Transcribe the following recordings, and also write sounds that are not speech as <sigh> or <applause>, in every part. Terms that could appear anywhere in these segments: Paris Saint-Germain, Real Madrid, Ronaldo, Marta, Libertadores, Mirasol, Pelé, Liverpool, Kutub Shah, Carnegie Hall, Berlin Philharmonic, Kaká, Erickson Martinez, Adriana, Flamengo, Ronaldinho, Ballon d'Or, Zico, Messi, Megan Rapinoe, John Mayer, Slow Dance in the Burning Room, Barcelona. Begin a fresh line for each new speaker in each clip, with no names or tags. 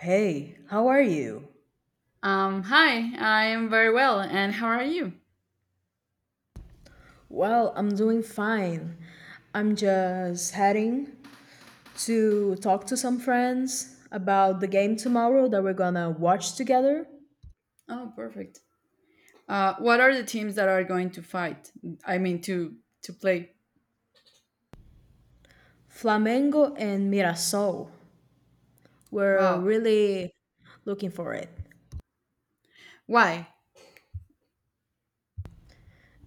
Hey, how are you?
Hi, I am very well, and how are you?
Well, I'm doing fine. I'm just heading to talk to some friends about the game tomorrow that we're gonna watch together.
Oh, perfect. What are the teams that are going to fight? I mean, to play.
Flamengo and Mirasol. We're
Wow.
really looking for it
Why?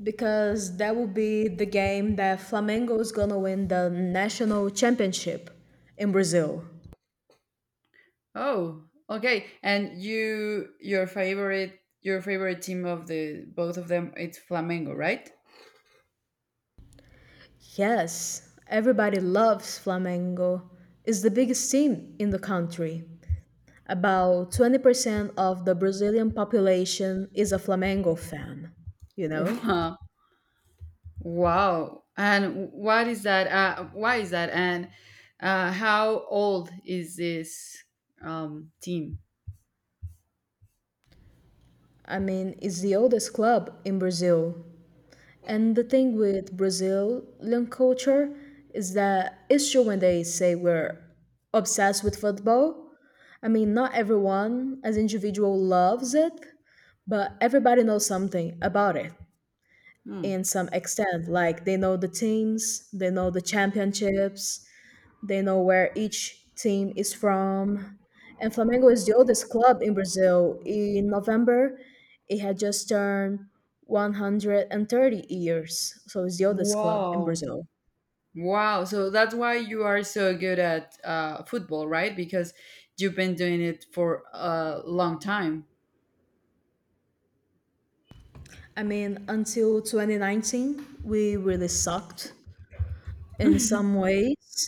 because that will be the game that Flamengo is gonna win the national championship in Brazil.
Oh, okay. And you, your favorite team of the both of them, it's Flamengo, right?
Yes, everybody loves Flamengo. It's the biggest team in the country. About 20% of the Brazilian population is a Flamengo fan, you
<laughs>
know?
Wow. Wow. And what is that? Why is that? And how old is this team?
I mean, it's the oldest club in Brazil. And the thing with Brazilian culture is that it's true when they say we're obsessed with football. I mean, not everyone as individual loves it, but everybody knows something about it
Hmm.
in some extent. Like they know the teams, they know the championships, they know where each team is from. And Flamengo is the oldest club in Brazil. In November, it had just turned 130 years. So it's the oldest club in
Wow.
Brazil.
Wow, so that's why you are so good at football, right? Because you've been doing it for a long time. <laughs>
I mean, until 2019, we really sucked in some ways.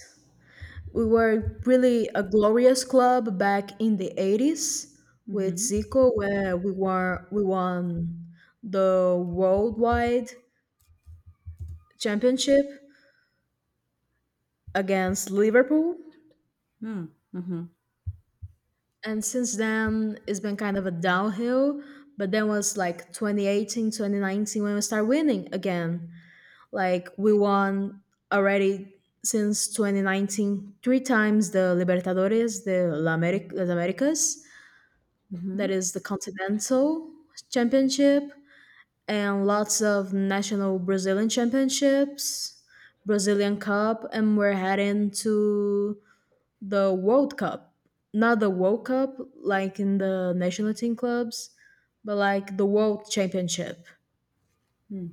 We were really a glorious club back in the 80s with
Mm-hmm.
Zico, where we won the worldwide championship against Liverpool.
Mm-hmm.
And since then, it's been kind of a downhill. But then was like 2018, 2019, when we start winning again. Like we won already since 2019 three times the Libertadores, the Las Americas,
Mm-hmm.
that is the Continental Championship, and lots of national Brazilian championships, Brazilian Cup, and we're heading to the World Cup, not the World Cup like in the national team clubs, but like the World Championship.
Mm.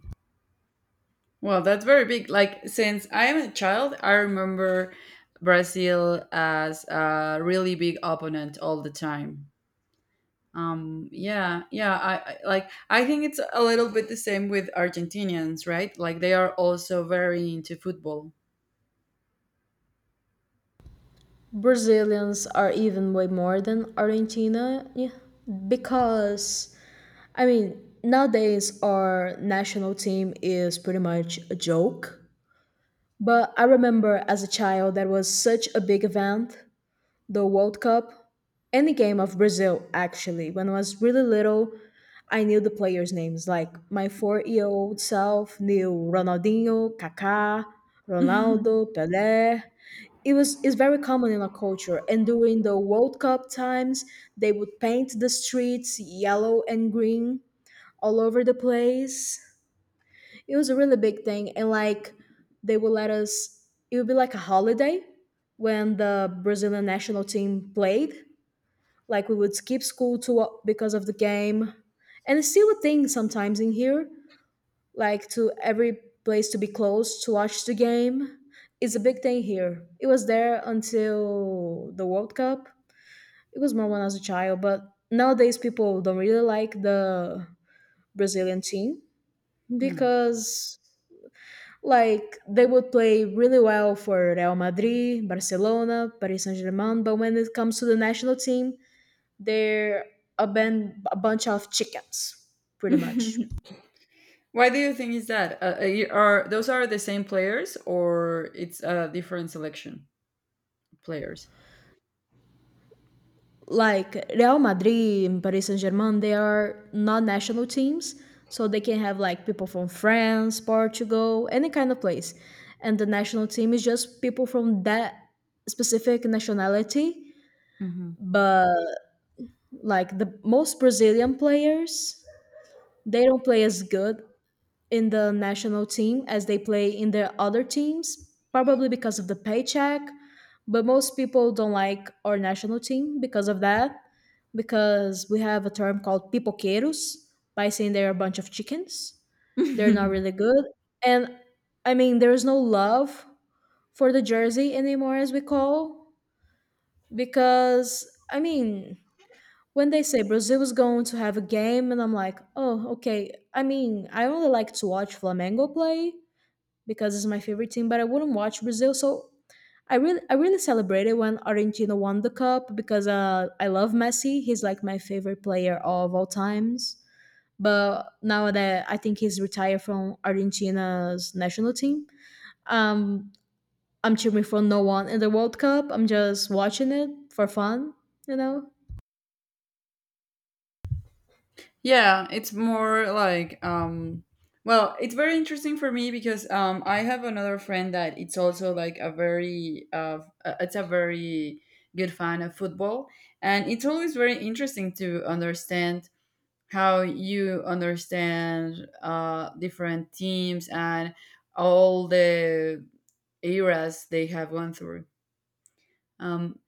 Well, that's very big. Like since I am a child, I remember Brazil as a really big opponent all the time. Yeah, yeah. I like. I think it's a little bit the same with Argentinians, right? Like they are also very into football. <laughs>
Brazilians are even way more than Argentina, yeah, because I mean, nowadays our national team is pretty much a joke. But I remember as a child that was such a big event, the World Cup, any game of Brazil, actually. When I was really little, I knew the players' names. Like my 4 year old self knew Ronaldinho, Kaká,
Hmm.
Ronaldo, Pelé. It's very common in our culture. And during the World Cup times, they would paint the streets yellow and green all over the place. It was a really big thing. And like they would let us, it would be like a holiday when the Brazilian national team played. Like we would skip school to because of the game, and it's still a thing sometimes in here. Like to every place to be close to watch the game. It's a big thing here. It was there until the World Cup. It was more when I was a child, but nowadays people don't really like the Brazilian team because like they would play really well for Real Madrid, Barcelona, Paris Saint-Germain, but when it comes to the national team, they're a bunch of chickens, pretty much.
<laughs> Why do you think is that? Are those are the same players or it's a different selection of players?
Like Real Madrid and Paris Saint Germain, they are not national teams, so they can have like people from France, Portugal, any kind of place. And the national team is just people from that specific nationality.
Hmm.
But like the most Brazilian players, they don't play as good in the national team as they play in the other teams, probably because of the paycheck. But most people don't like our national team because of that, because we have a term called pipoqueiros by saying they're a bunch of chickens. They're not
<laughs>
really good. And I mean, there's no love for the jersey anymore, as we call, because I mean, when they say Brazil is going to have a game, and I'm like, oh, okay. I mean, I only like to watch Flamengo play, because it's my favorite team, but I wouldn't watch Brazil. So I really celebrated when Argentina won the cup because I love Messi. He's like my favorite player of all times. But now that I think he's retired from Argentina's national team, um, I'm cheering for no one in the World Cup. I'm just watching it for fun, you know.
Yeah, it's more like well, it's very interesting for me because I have another friend that it's also like a very it's a very good fan of football, and it's always very interesting to understand how you understand different teams and all the eras they have gone through. Um,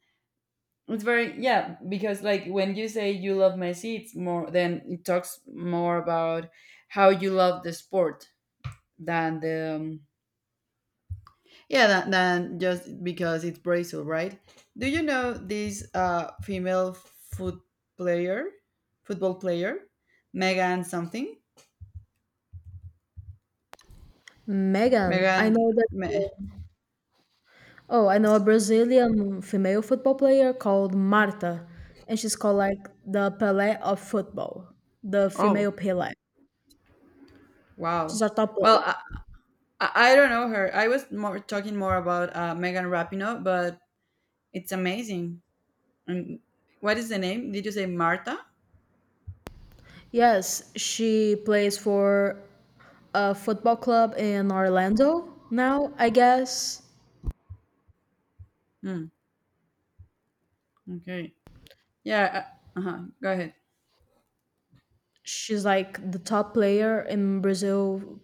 it's very yeah because like when you say you love Messi, it's more then it talks more about how you love the sport than the yeah than just because it's Brazil, right? Do you know this female foot player, football player, Megan something?
Megan, I know
Megan.
that. Oh, I know a Brazilian female football player called Marta, and she's called like the Pelé of football, the
Oh,
female Pelé.
wow.
She's a top
Well,
player.
I don't know her. I was more talking more about Megan Rapinoe, but it's amazing. And what is the name? Did you say Marta?
Yes, she plays for a football club in Orlando now, I guess.
Hmm. Okay. Yeah. Uh huh. Go ahead.
She's like the top player in Brazil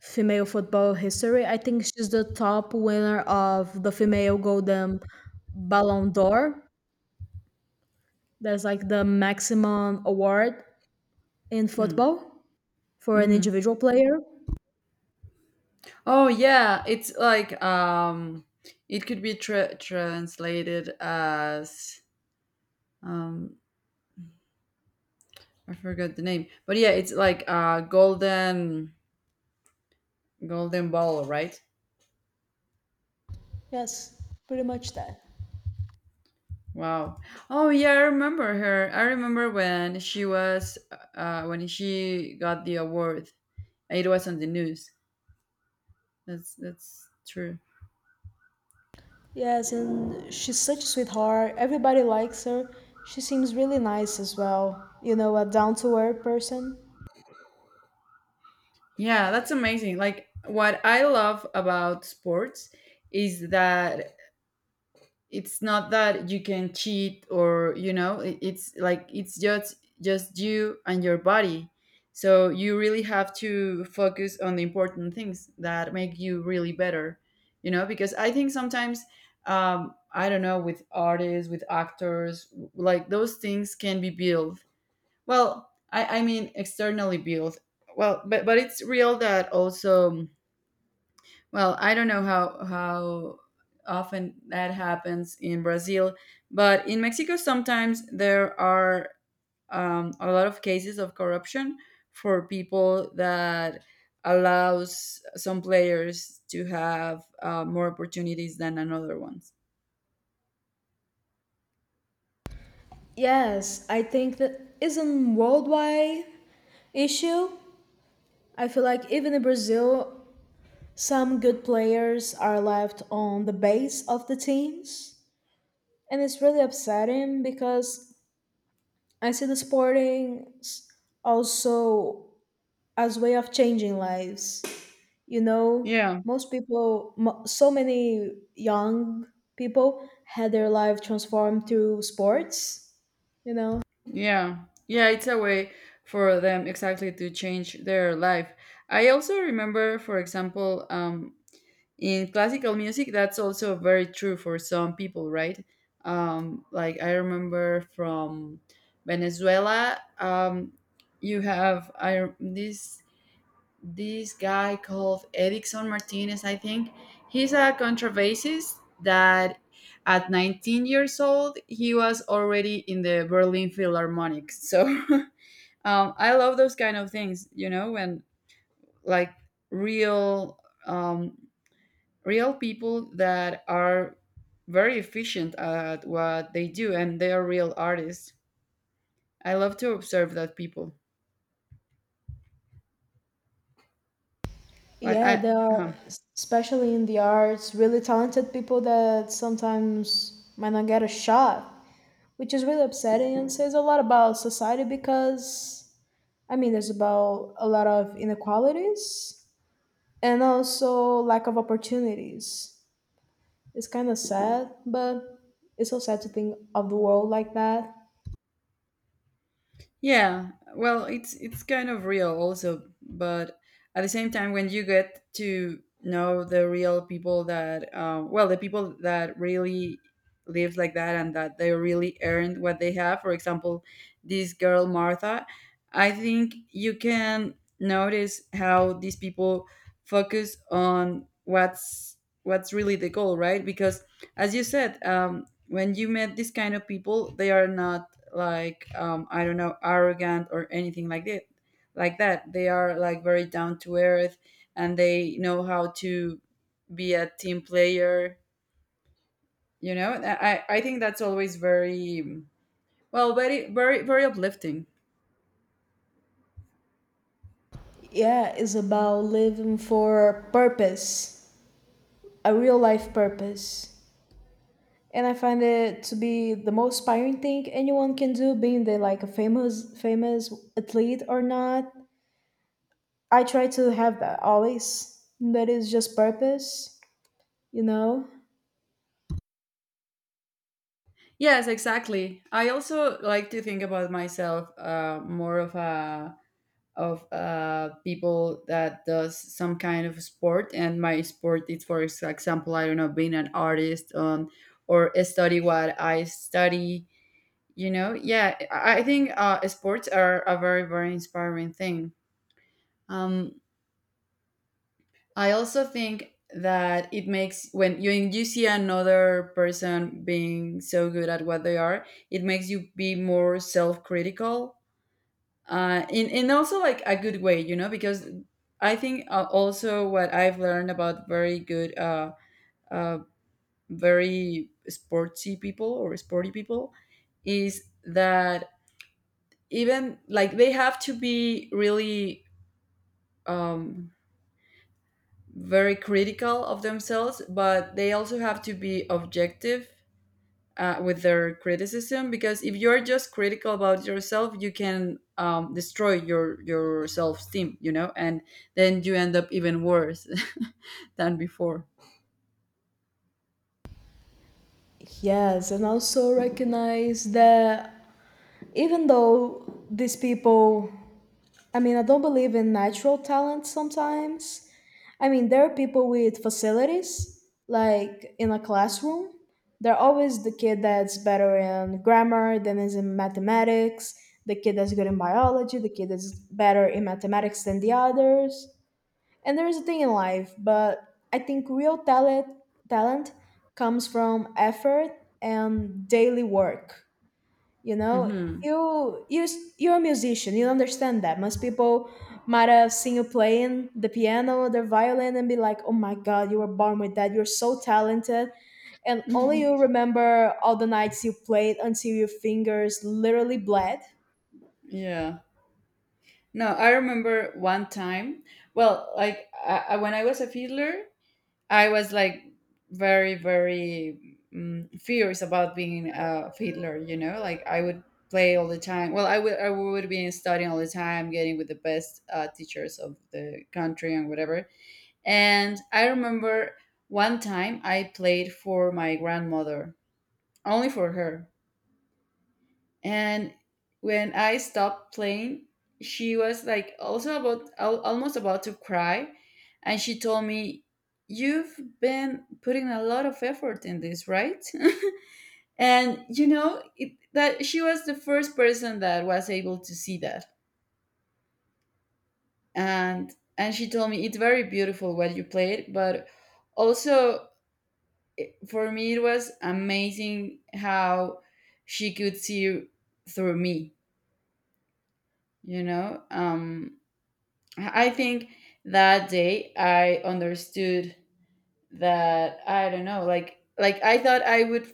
female football history. I think she's the top winner of the female golden Ballon d'Or. That's like the maximum award in
Hmm.
football. For an
Mm-hmm.
individual player?
Oh yeah, it's like it could be translated as um, I forgot the name, but yeah, it's like golden golden ball, right?
Yes, pretty much that.
Wow. Oh yeah, I remember her. I remember when she was when she got the award. It was on the news. That's true.
Yes, and she's such a sweetheart. Everybody likes her. She seems really nice as well. You know, a down to earth person.
Yeah, that's amazing. Like what I love about sports is that it's not that you can cheat or you know it's like it's just you and your body, so you really have to focus on the important things that make you really better, you know, because I think sometimes I don't know, with artists, with actors, like those things can be built, well I mean externally built, well but it's real that also, well, I don't know how often that happens in Brazil, but in Mexico sometimes there are a lot of cases of corruption for people that allows some players to have more opportunities than another ones.
Yes, I think that is a worldwide issue. I feel like even in Brazil, some good players are left on the base of the teams. And it's really upsetting because I see the sporting also as way of changing lives. You know,
Yeah.
so many young people had their life transformed through sports, you know?
Yeah, yeah, it's a way for them exactly to change their life. I also remember, for example, in classical music, that's also very true for some people, right? Like I remember from Venezuela, you have I this this guy called Erickson Martinez, I think. He's a contrabassist that at 19 years old, he was already in the Berlin Philharmonic. So <laughs> I love those kind of things, you know, when like real, um, real people that are very efficient at what they do and they are real artists. I love to observe that people. Like I,
Yeah, there
uh-huh.
are, especially in the arts, really talented people that sometimes might not get a shot, which is really upsetting and says a lot about society because I mean, there's about a lot of inequalities and also lack of opportunities. It's kind of sad, but it's so sad to think of the world like that.
Yeah, well, it's kind of real also, but at the same time, when you get to know the real people that, well, the people that really lived like that and that they really earned what they have. For example, this girl Martha, I think you can notice how these people focus on what's really the goal, right? Because as you said, when you met this kind of people they are not like I don't know, arrogant or anything like that, like that they are like very down to earth, and they know how to be a team player, you know, I think that's always very well, very uplifting.
Yeah, it's about living for purpose, a real life purpose. And I find it to be the most inspiring thing anyone can do, being they like a famous athlete or not. I try to have that always. That is just purpose, you know?
Yes, exactly, I also like to think about myself more of a of people that does some kind of sport, and my sport is for example, I don't know, being an artist or study what I study, you know. Yeah, I think sports are a very inspiring thing. um, I also think that it makes when you see another person being so good at what they are, it makes you be more self-critical in also like a good way, you know, because I think also what I've learned about very good, uh, very sporty people or sporty people is that even like they have to be really um, very critical of themselves, but they also have to be objective with their criticism, because if you're just critical about yourself you can destroy your self-esteem, you know, and then you end up even worse <laughs> than before.
Yes, and also recognize that even though these people, I mean, I don't believe in natural talent sometimes. I mean, there are people with facilities, like in a classroom. They're always the kid that's better in grammar than is in mathematics, the kid that's good in biology, the kid that's better in mathematics than the others. And there is a thing in life, but I think real talent comes from effort and daily work. You know,
Hmm.
you you're a musician. You understand that. Most people might have seen you playing the piano, the violin, and be like, "Oh my God, you were born with that. You're so talented." And only
Mhm.
you remember all the nights you played until your fingers literally bled.
Yeah. No, I remember one time, well like when I was a fiddler, I was like very fierce about being a fiddler. You know, like I would play all the time. Well, I would be studying all the time, getting with the best teachers of the country and whatever. And I remember one time I played for my grandmother, only for her, and when I stopped playing she was like also about almost about to cry, and she told me you've been putting a lot of effort in this, right? <laughs> And you know it, that she was the first person that was able to see that, and she told me it's very beautiful what you played, but also for me it was amazing how she could see through me, you know. I think that day I understood that I don't know, like I thought I would,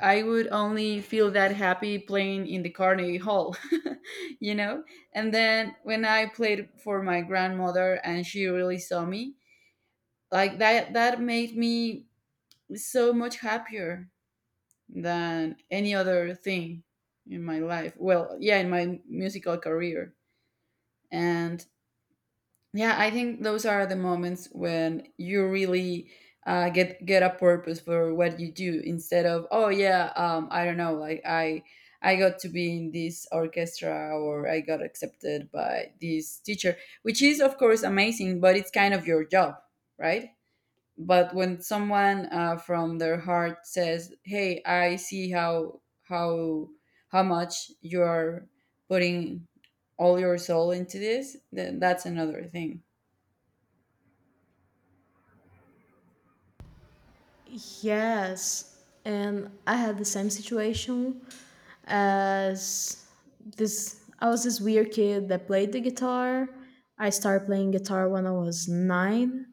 I would only feel that happy playing in the Carnegie Hall, <laughs> you know? And then when I played for my grandmother and she really saw me, like that made me so much happier than any other thing in my life. Well, yeah, in my musical career. And yeah, I think those are the moments when you really get a purpose for what you do instead of oh yeah I don't know, like I got to be in this orchestra or I got accepted by this teacher, which is of course amazing, but it's kind of your job, right? But when someone from their heart says, "Hey, I see how how how much you are putting all your soul into this," then that's another thing.
Yes, and I had the same situation as this. I was this weird kid that played the guitar. I started playing guitar when I was 9,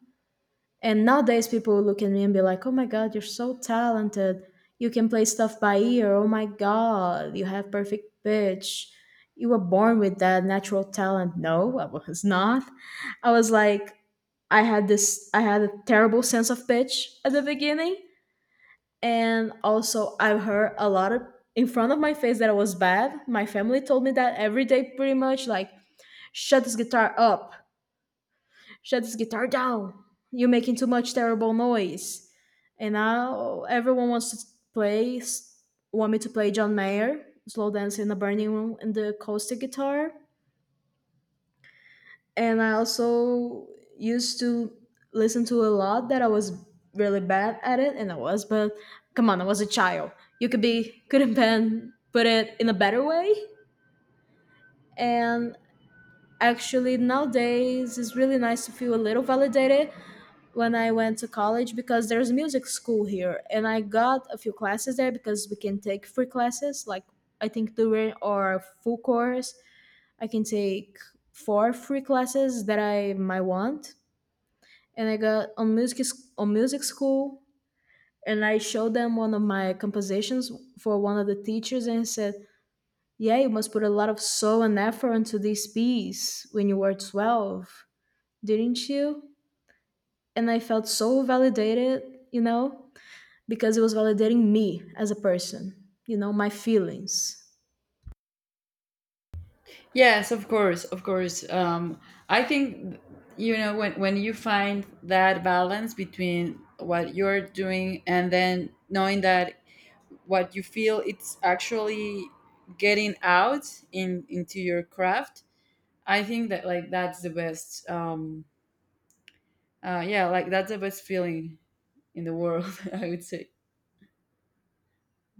and nowadays, people look at me and be like, oh my God, you're so talented. You can play stuff by ear. Oh my God, you have perfect pitch. You were born with that natural talent. No, I was not. I was like, I had a terrible sense of pitch at the beginning. And also, I heard a lot of in front of my face that I was bad. My family told me that every day, pretty much like, shut this guitar up, shut this guitar down. You're making too much terrible noise. And now everyone wants to play, want me to play John Mayer, Slow Dance in the Burning Room, and the acoustic guitar. And I also used to listen to a lot that I was really bad at it, and I was, but come on, I was a child. You could be, couldn't pen, put it in a better way. And actually, nowadays, it's really nice to feel a little validated when I went to college because there's music school here, and I got a few classes there because we can take free classes. Like I think during our full course, I can take four free classes that I might want, and I got on music school, and I showed them one of my compositions for one of the teachers, and he said, "Yeah, you must put a lot of soul and effort into this piece when you were twelve, didn't you?" And I felt so validated, you know, because it was validating me as a person, you know, my feelings.
Yes, of course, of course. I think, you know, when you find that balance between what you're doing and then knowing that what you feel it's actually getting out in into your craft. I think that like that's the best. Yeah, like that's the best feeling in the world. <laughs> I would say.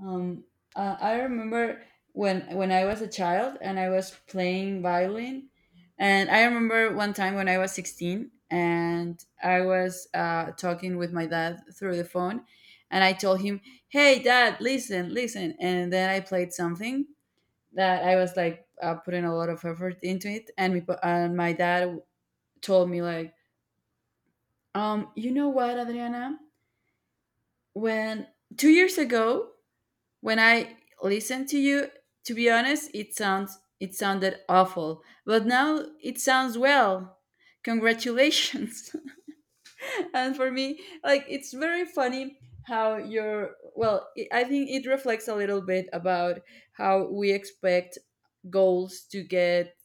Um, I remember when I was a child and I was playing violin, and I remember one time when I was 16 and I was talking with my dad through the phone, and I told him, "Hey, Dad, listen, listen," and then I played something that I was like putting a lot of effort into it, and and my dad told me like, "You know what, Adriana? When 2 years ago." When I listened to you, to be honest, it sounds it sounded awful, but now it sounds well. Congratulations. <laughs> And for me, like it's very funny how your well, it, I think it reflects a little bit about how we expect goals to get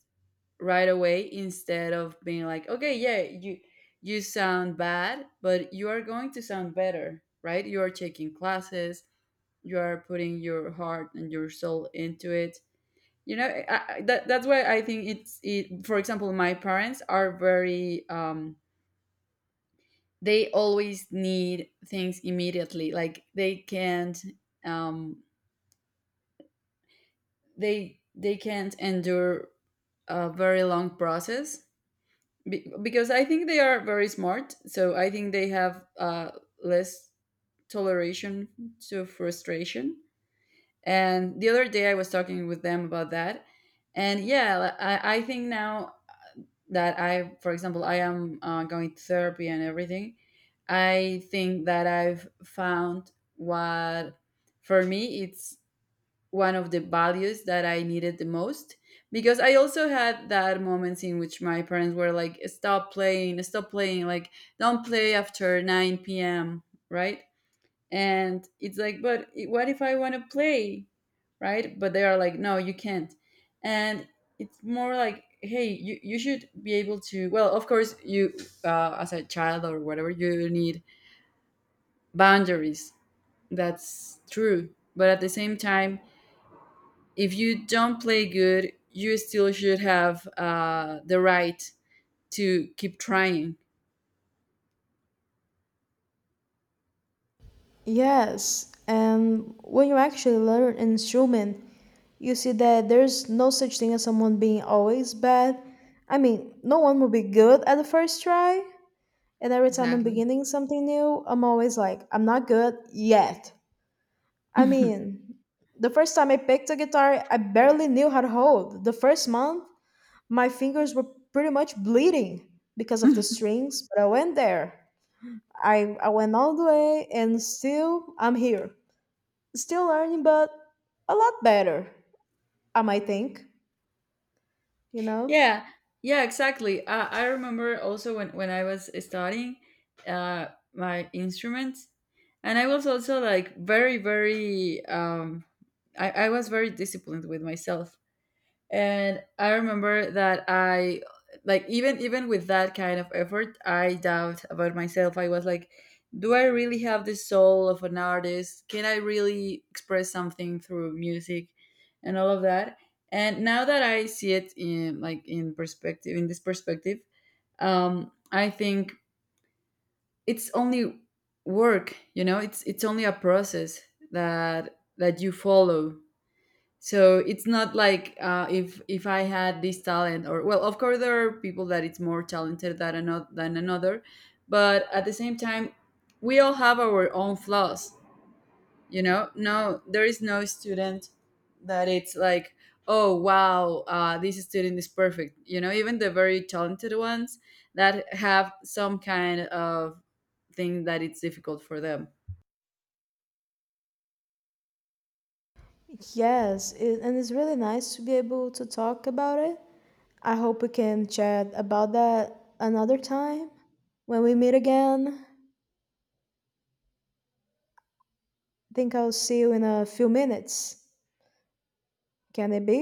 right away instead of being like, okay, yeah, you sound bad, but you are going to sound better, right? You are taking classes, you are putting your heart and your soul into it, you know. That's why I think it's it for example my parents are very they always need things immediately, like they can't um they can't endure a very long process. Because I think they are very smart, so I think they have less toleration to frustration. And the other day I was talking with them about that. And yeah, I think now that I, for example, I am going to therapy and everything, I think that I've found what, for me, it's one of the values that I needed the most. Because I also had that moments in which my parents were like, stop playing, like, don't play after 9 p.m., right? And it's like but what if I want to play, right? But they are like no you can't, and it's more like hey you should be able to well of course you as a child or whatever you need boundaries, that's true, but at the same time if you don't play good you still should have the right to keep trying.
Yes, and when you actually learn an instrument, you see that there's no such thing as someone being always bad. I mean, no one will be good at the first try. And every time I'm
Exactly.
beginning something new, I'm always like, I'm not good yet. I
<laughs>
mean, the first time I picked a guitar, I barely knew how to hold. The first month, my fingers were pretty much bleeding because of the strings, but I went there. I went all the way and still I'm here. Still learning, but a lot better, I might think, you know?
Yeah, yeah, exactly. I remember also when I was studying uh, my instruments, and I was also like very I was very disciplined with myself, and I remember that I like even with that kind of effort I doubt about myself, I was like do I really have the soul of an artist, can I really express something through music, and all of that. And now that I see it in like in perspective, in this perspective, I think it's only work, you know, it's only a process that that you follow, so it's not like if I had this talent, or well, of course there are people that it's more talented than another, but at the same time, we all have our own flaws. You know, no, there is no student that it's like, oh wow, this student is perfect. You know, even the very talented ones that have some kind of thing that it's difficult for them.
Yes, it, and it's really nice to be able to talk about it. I hope we can chat about that another time. When we meet again, I think I'll see you in a few minutes. Can it be?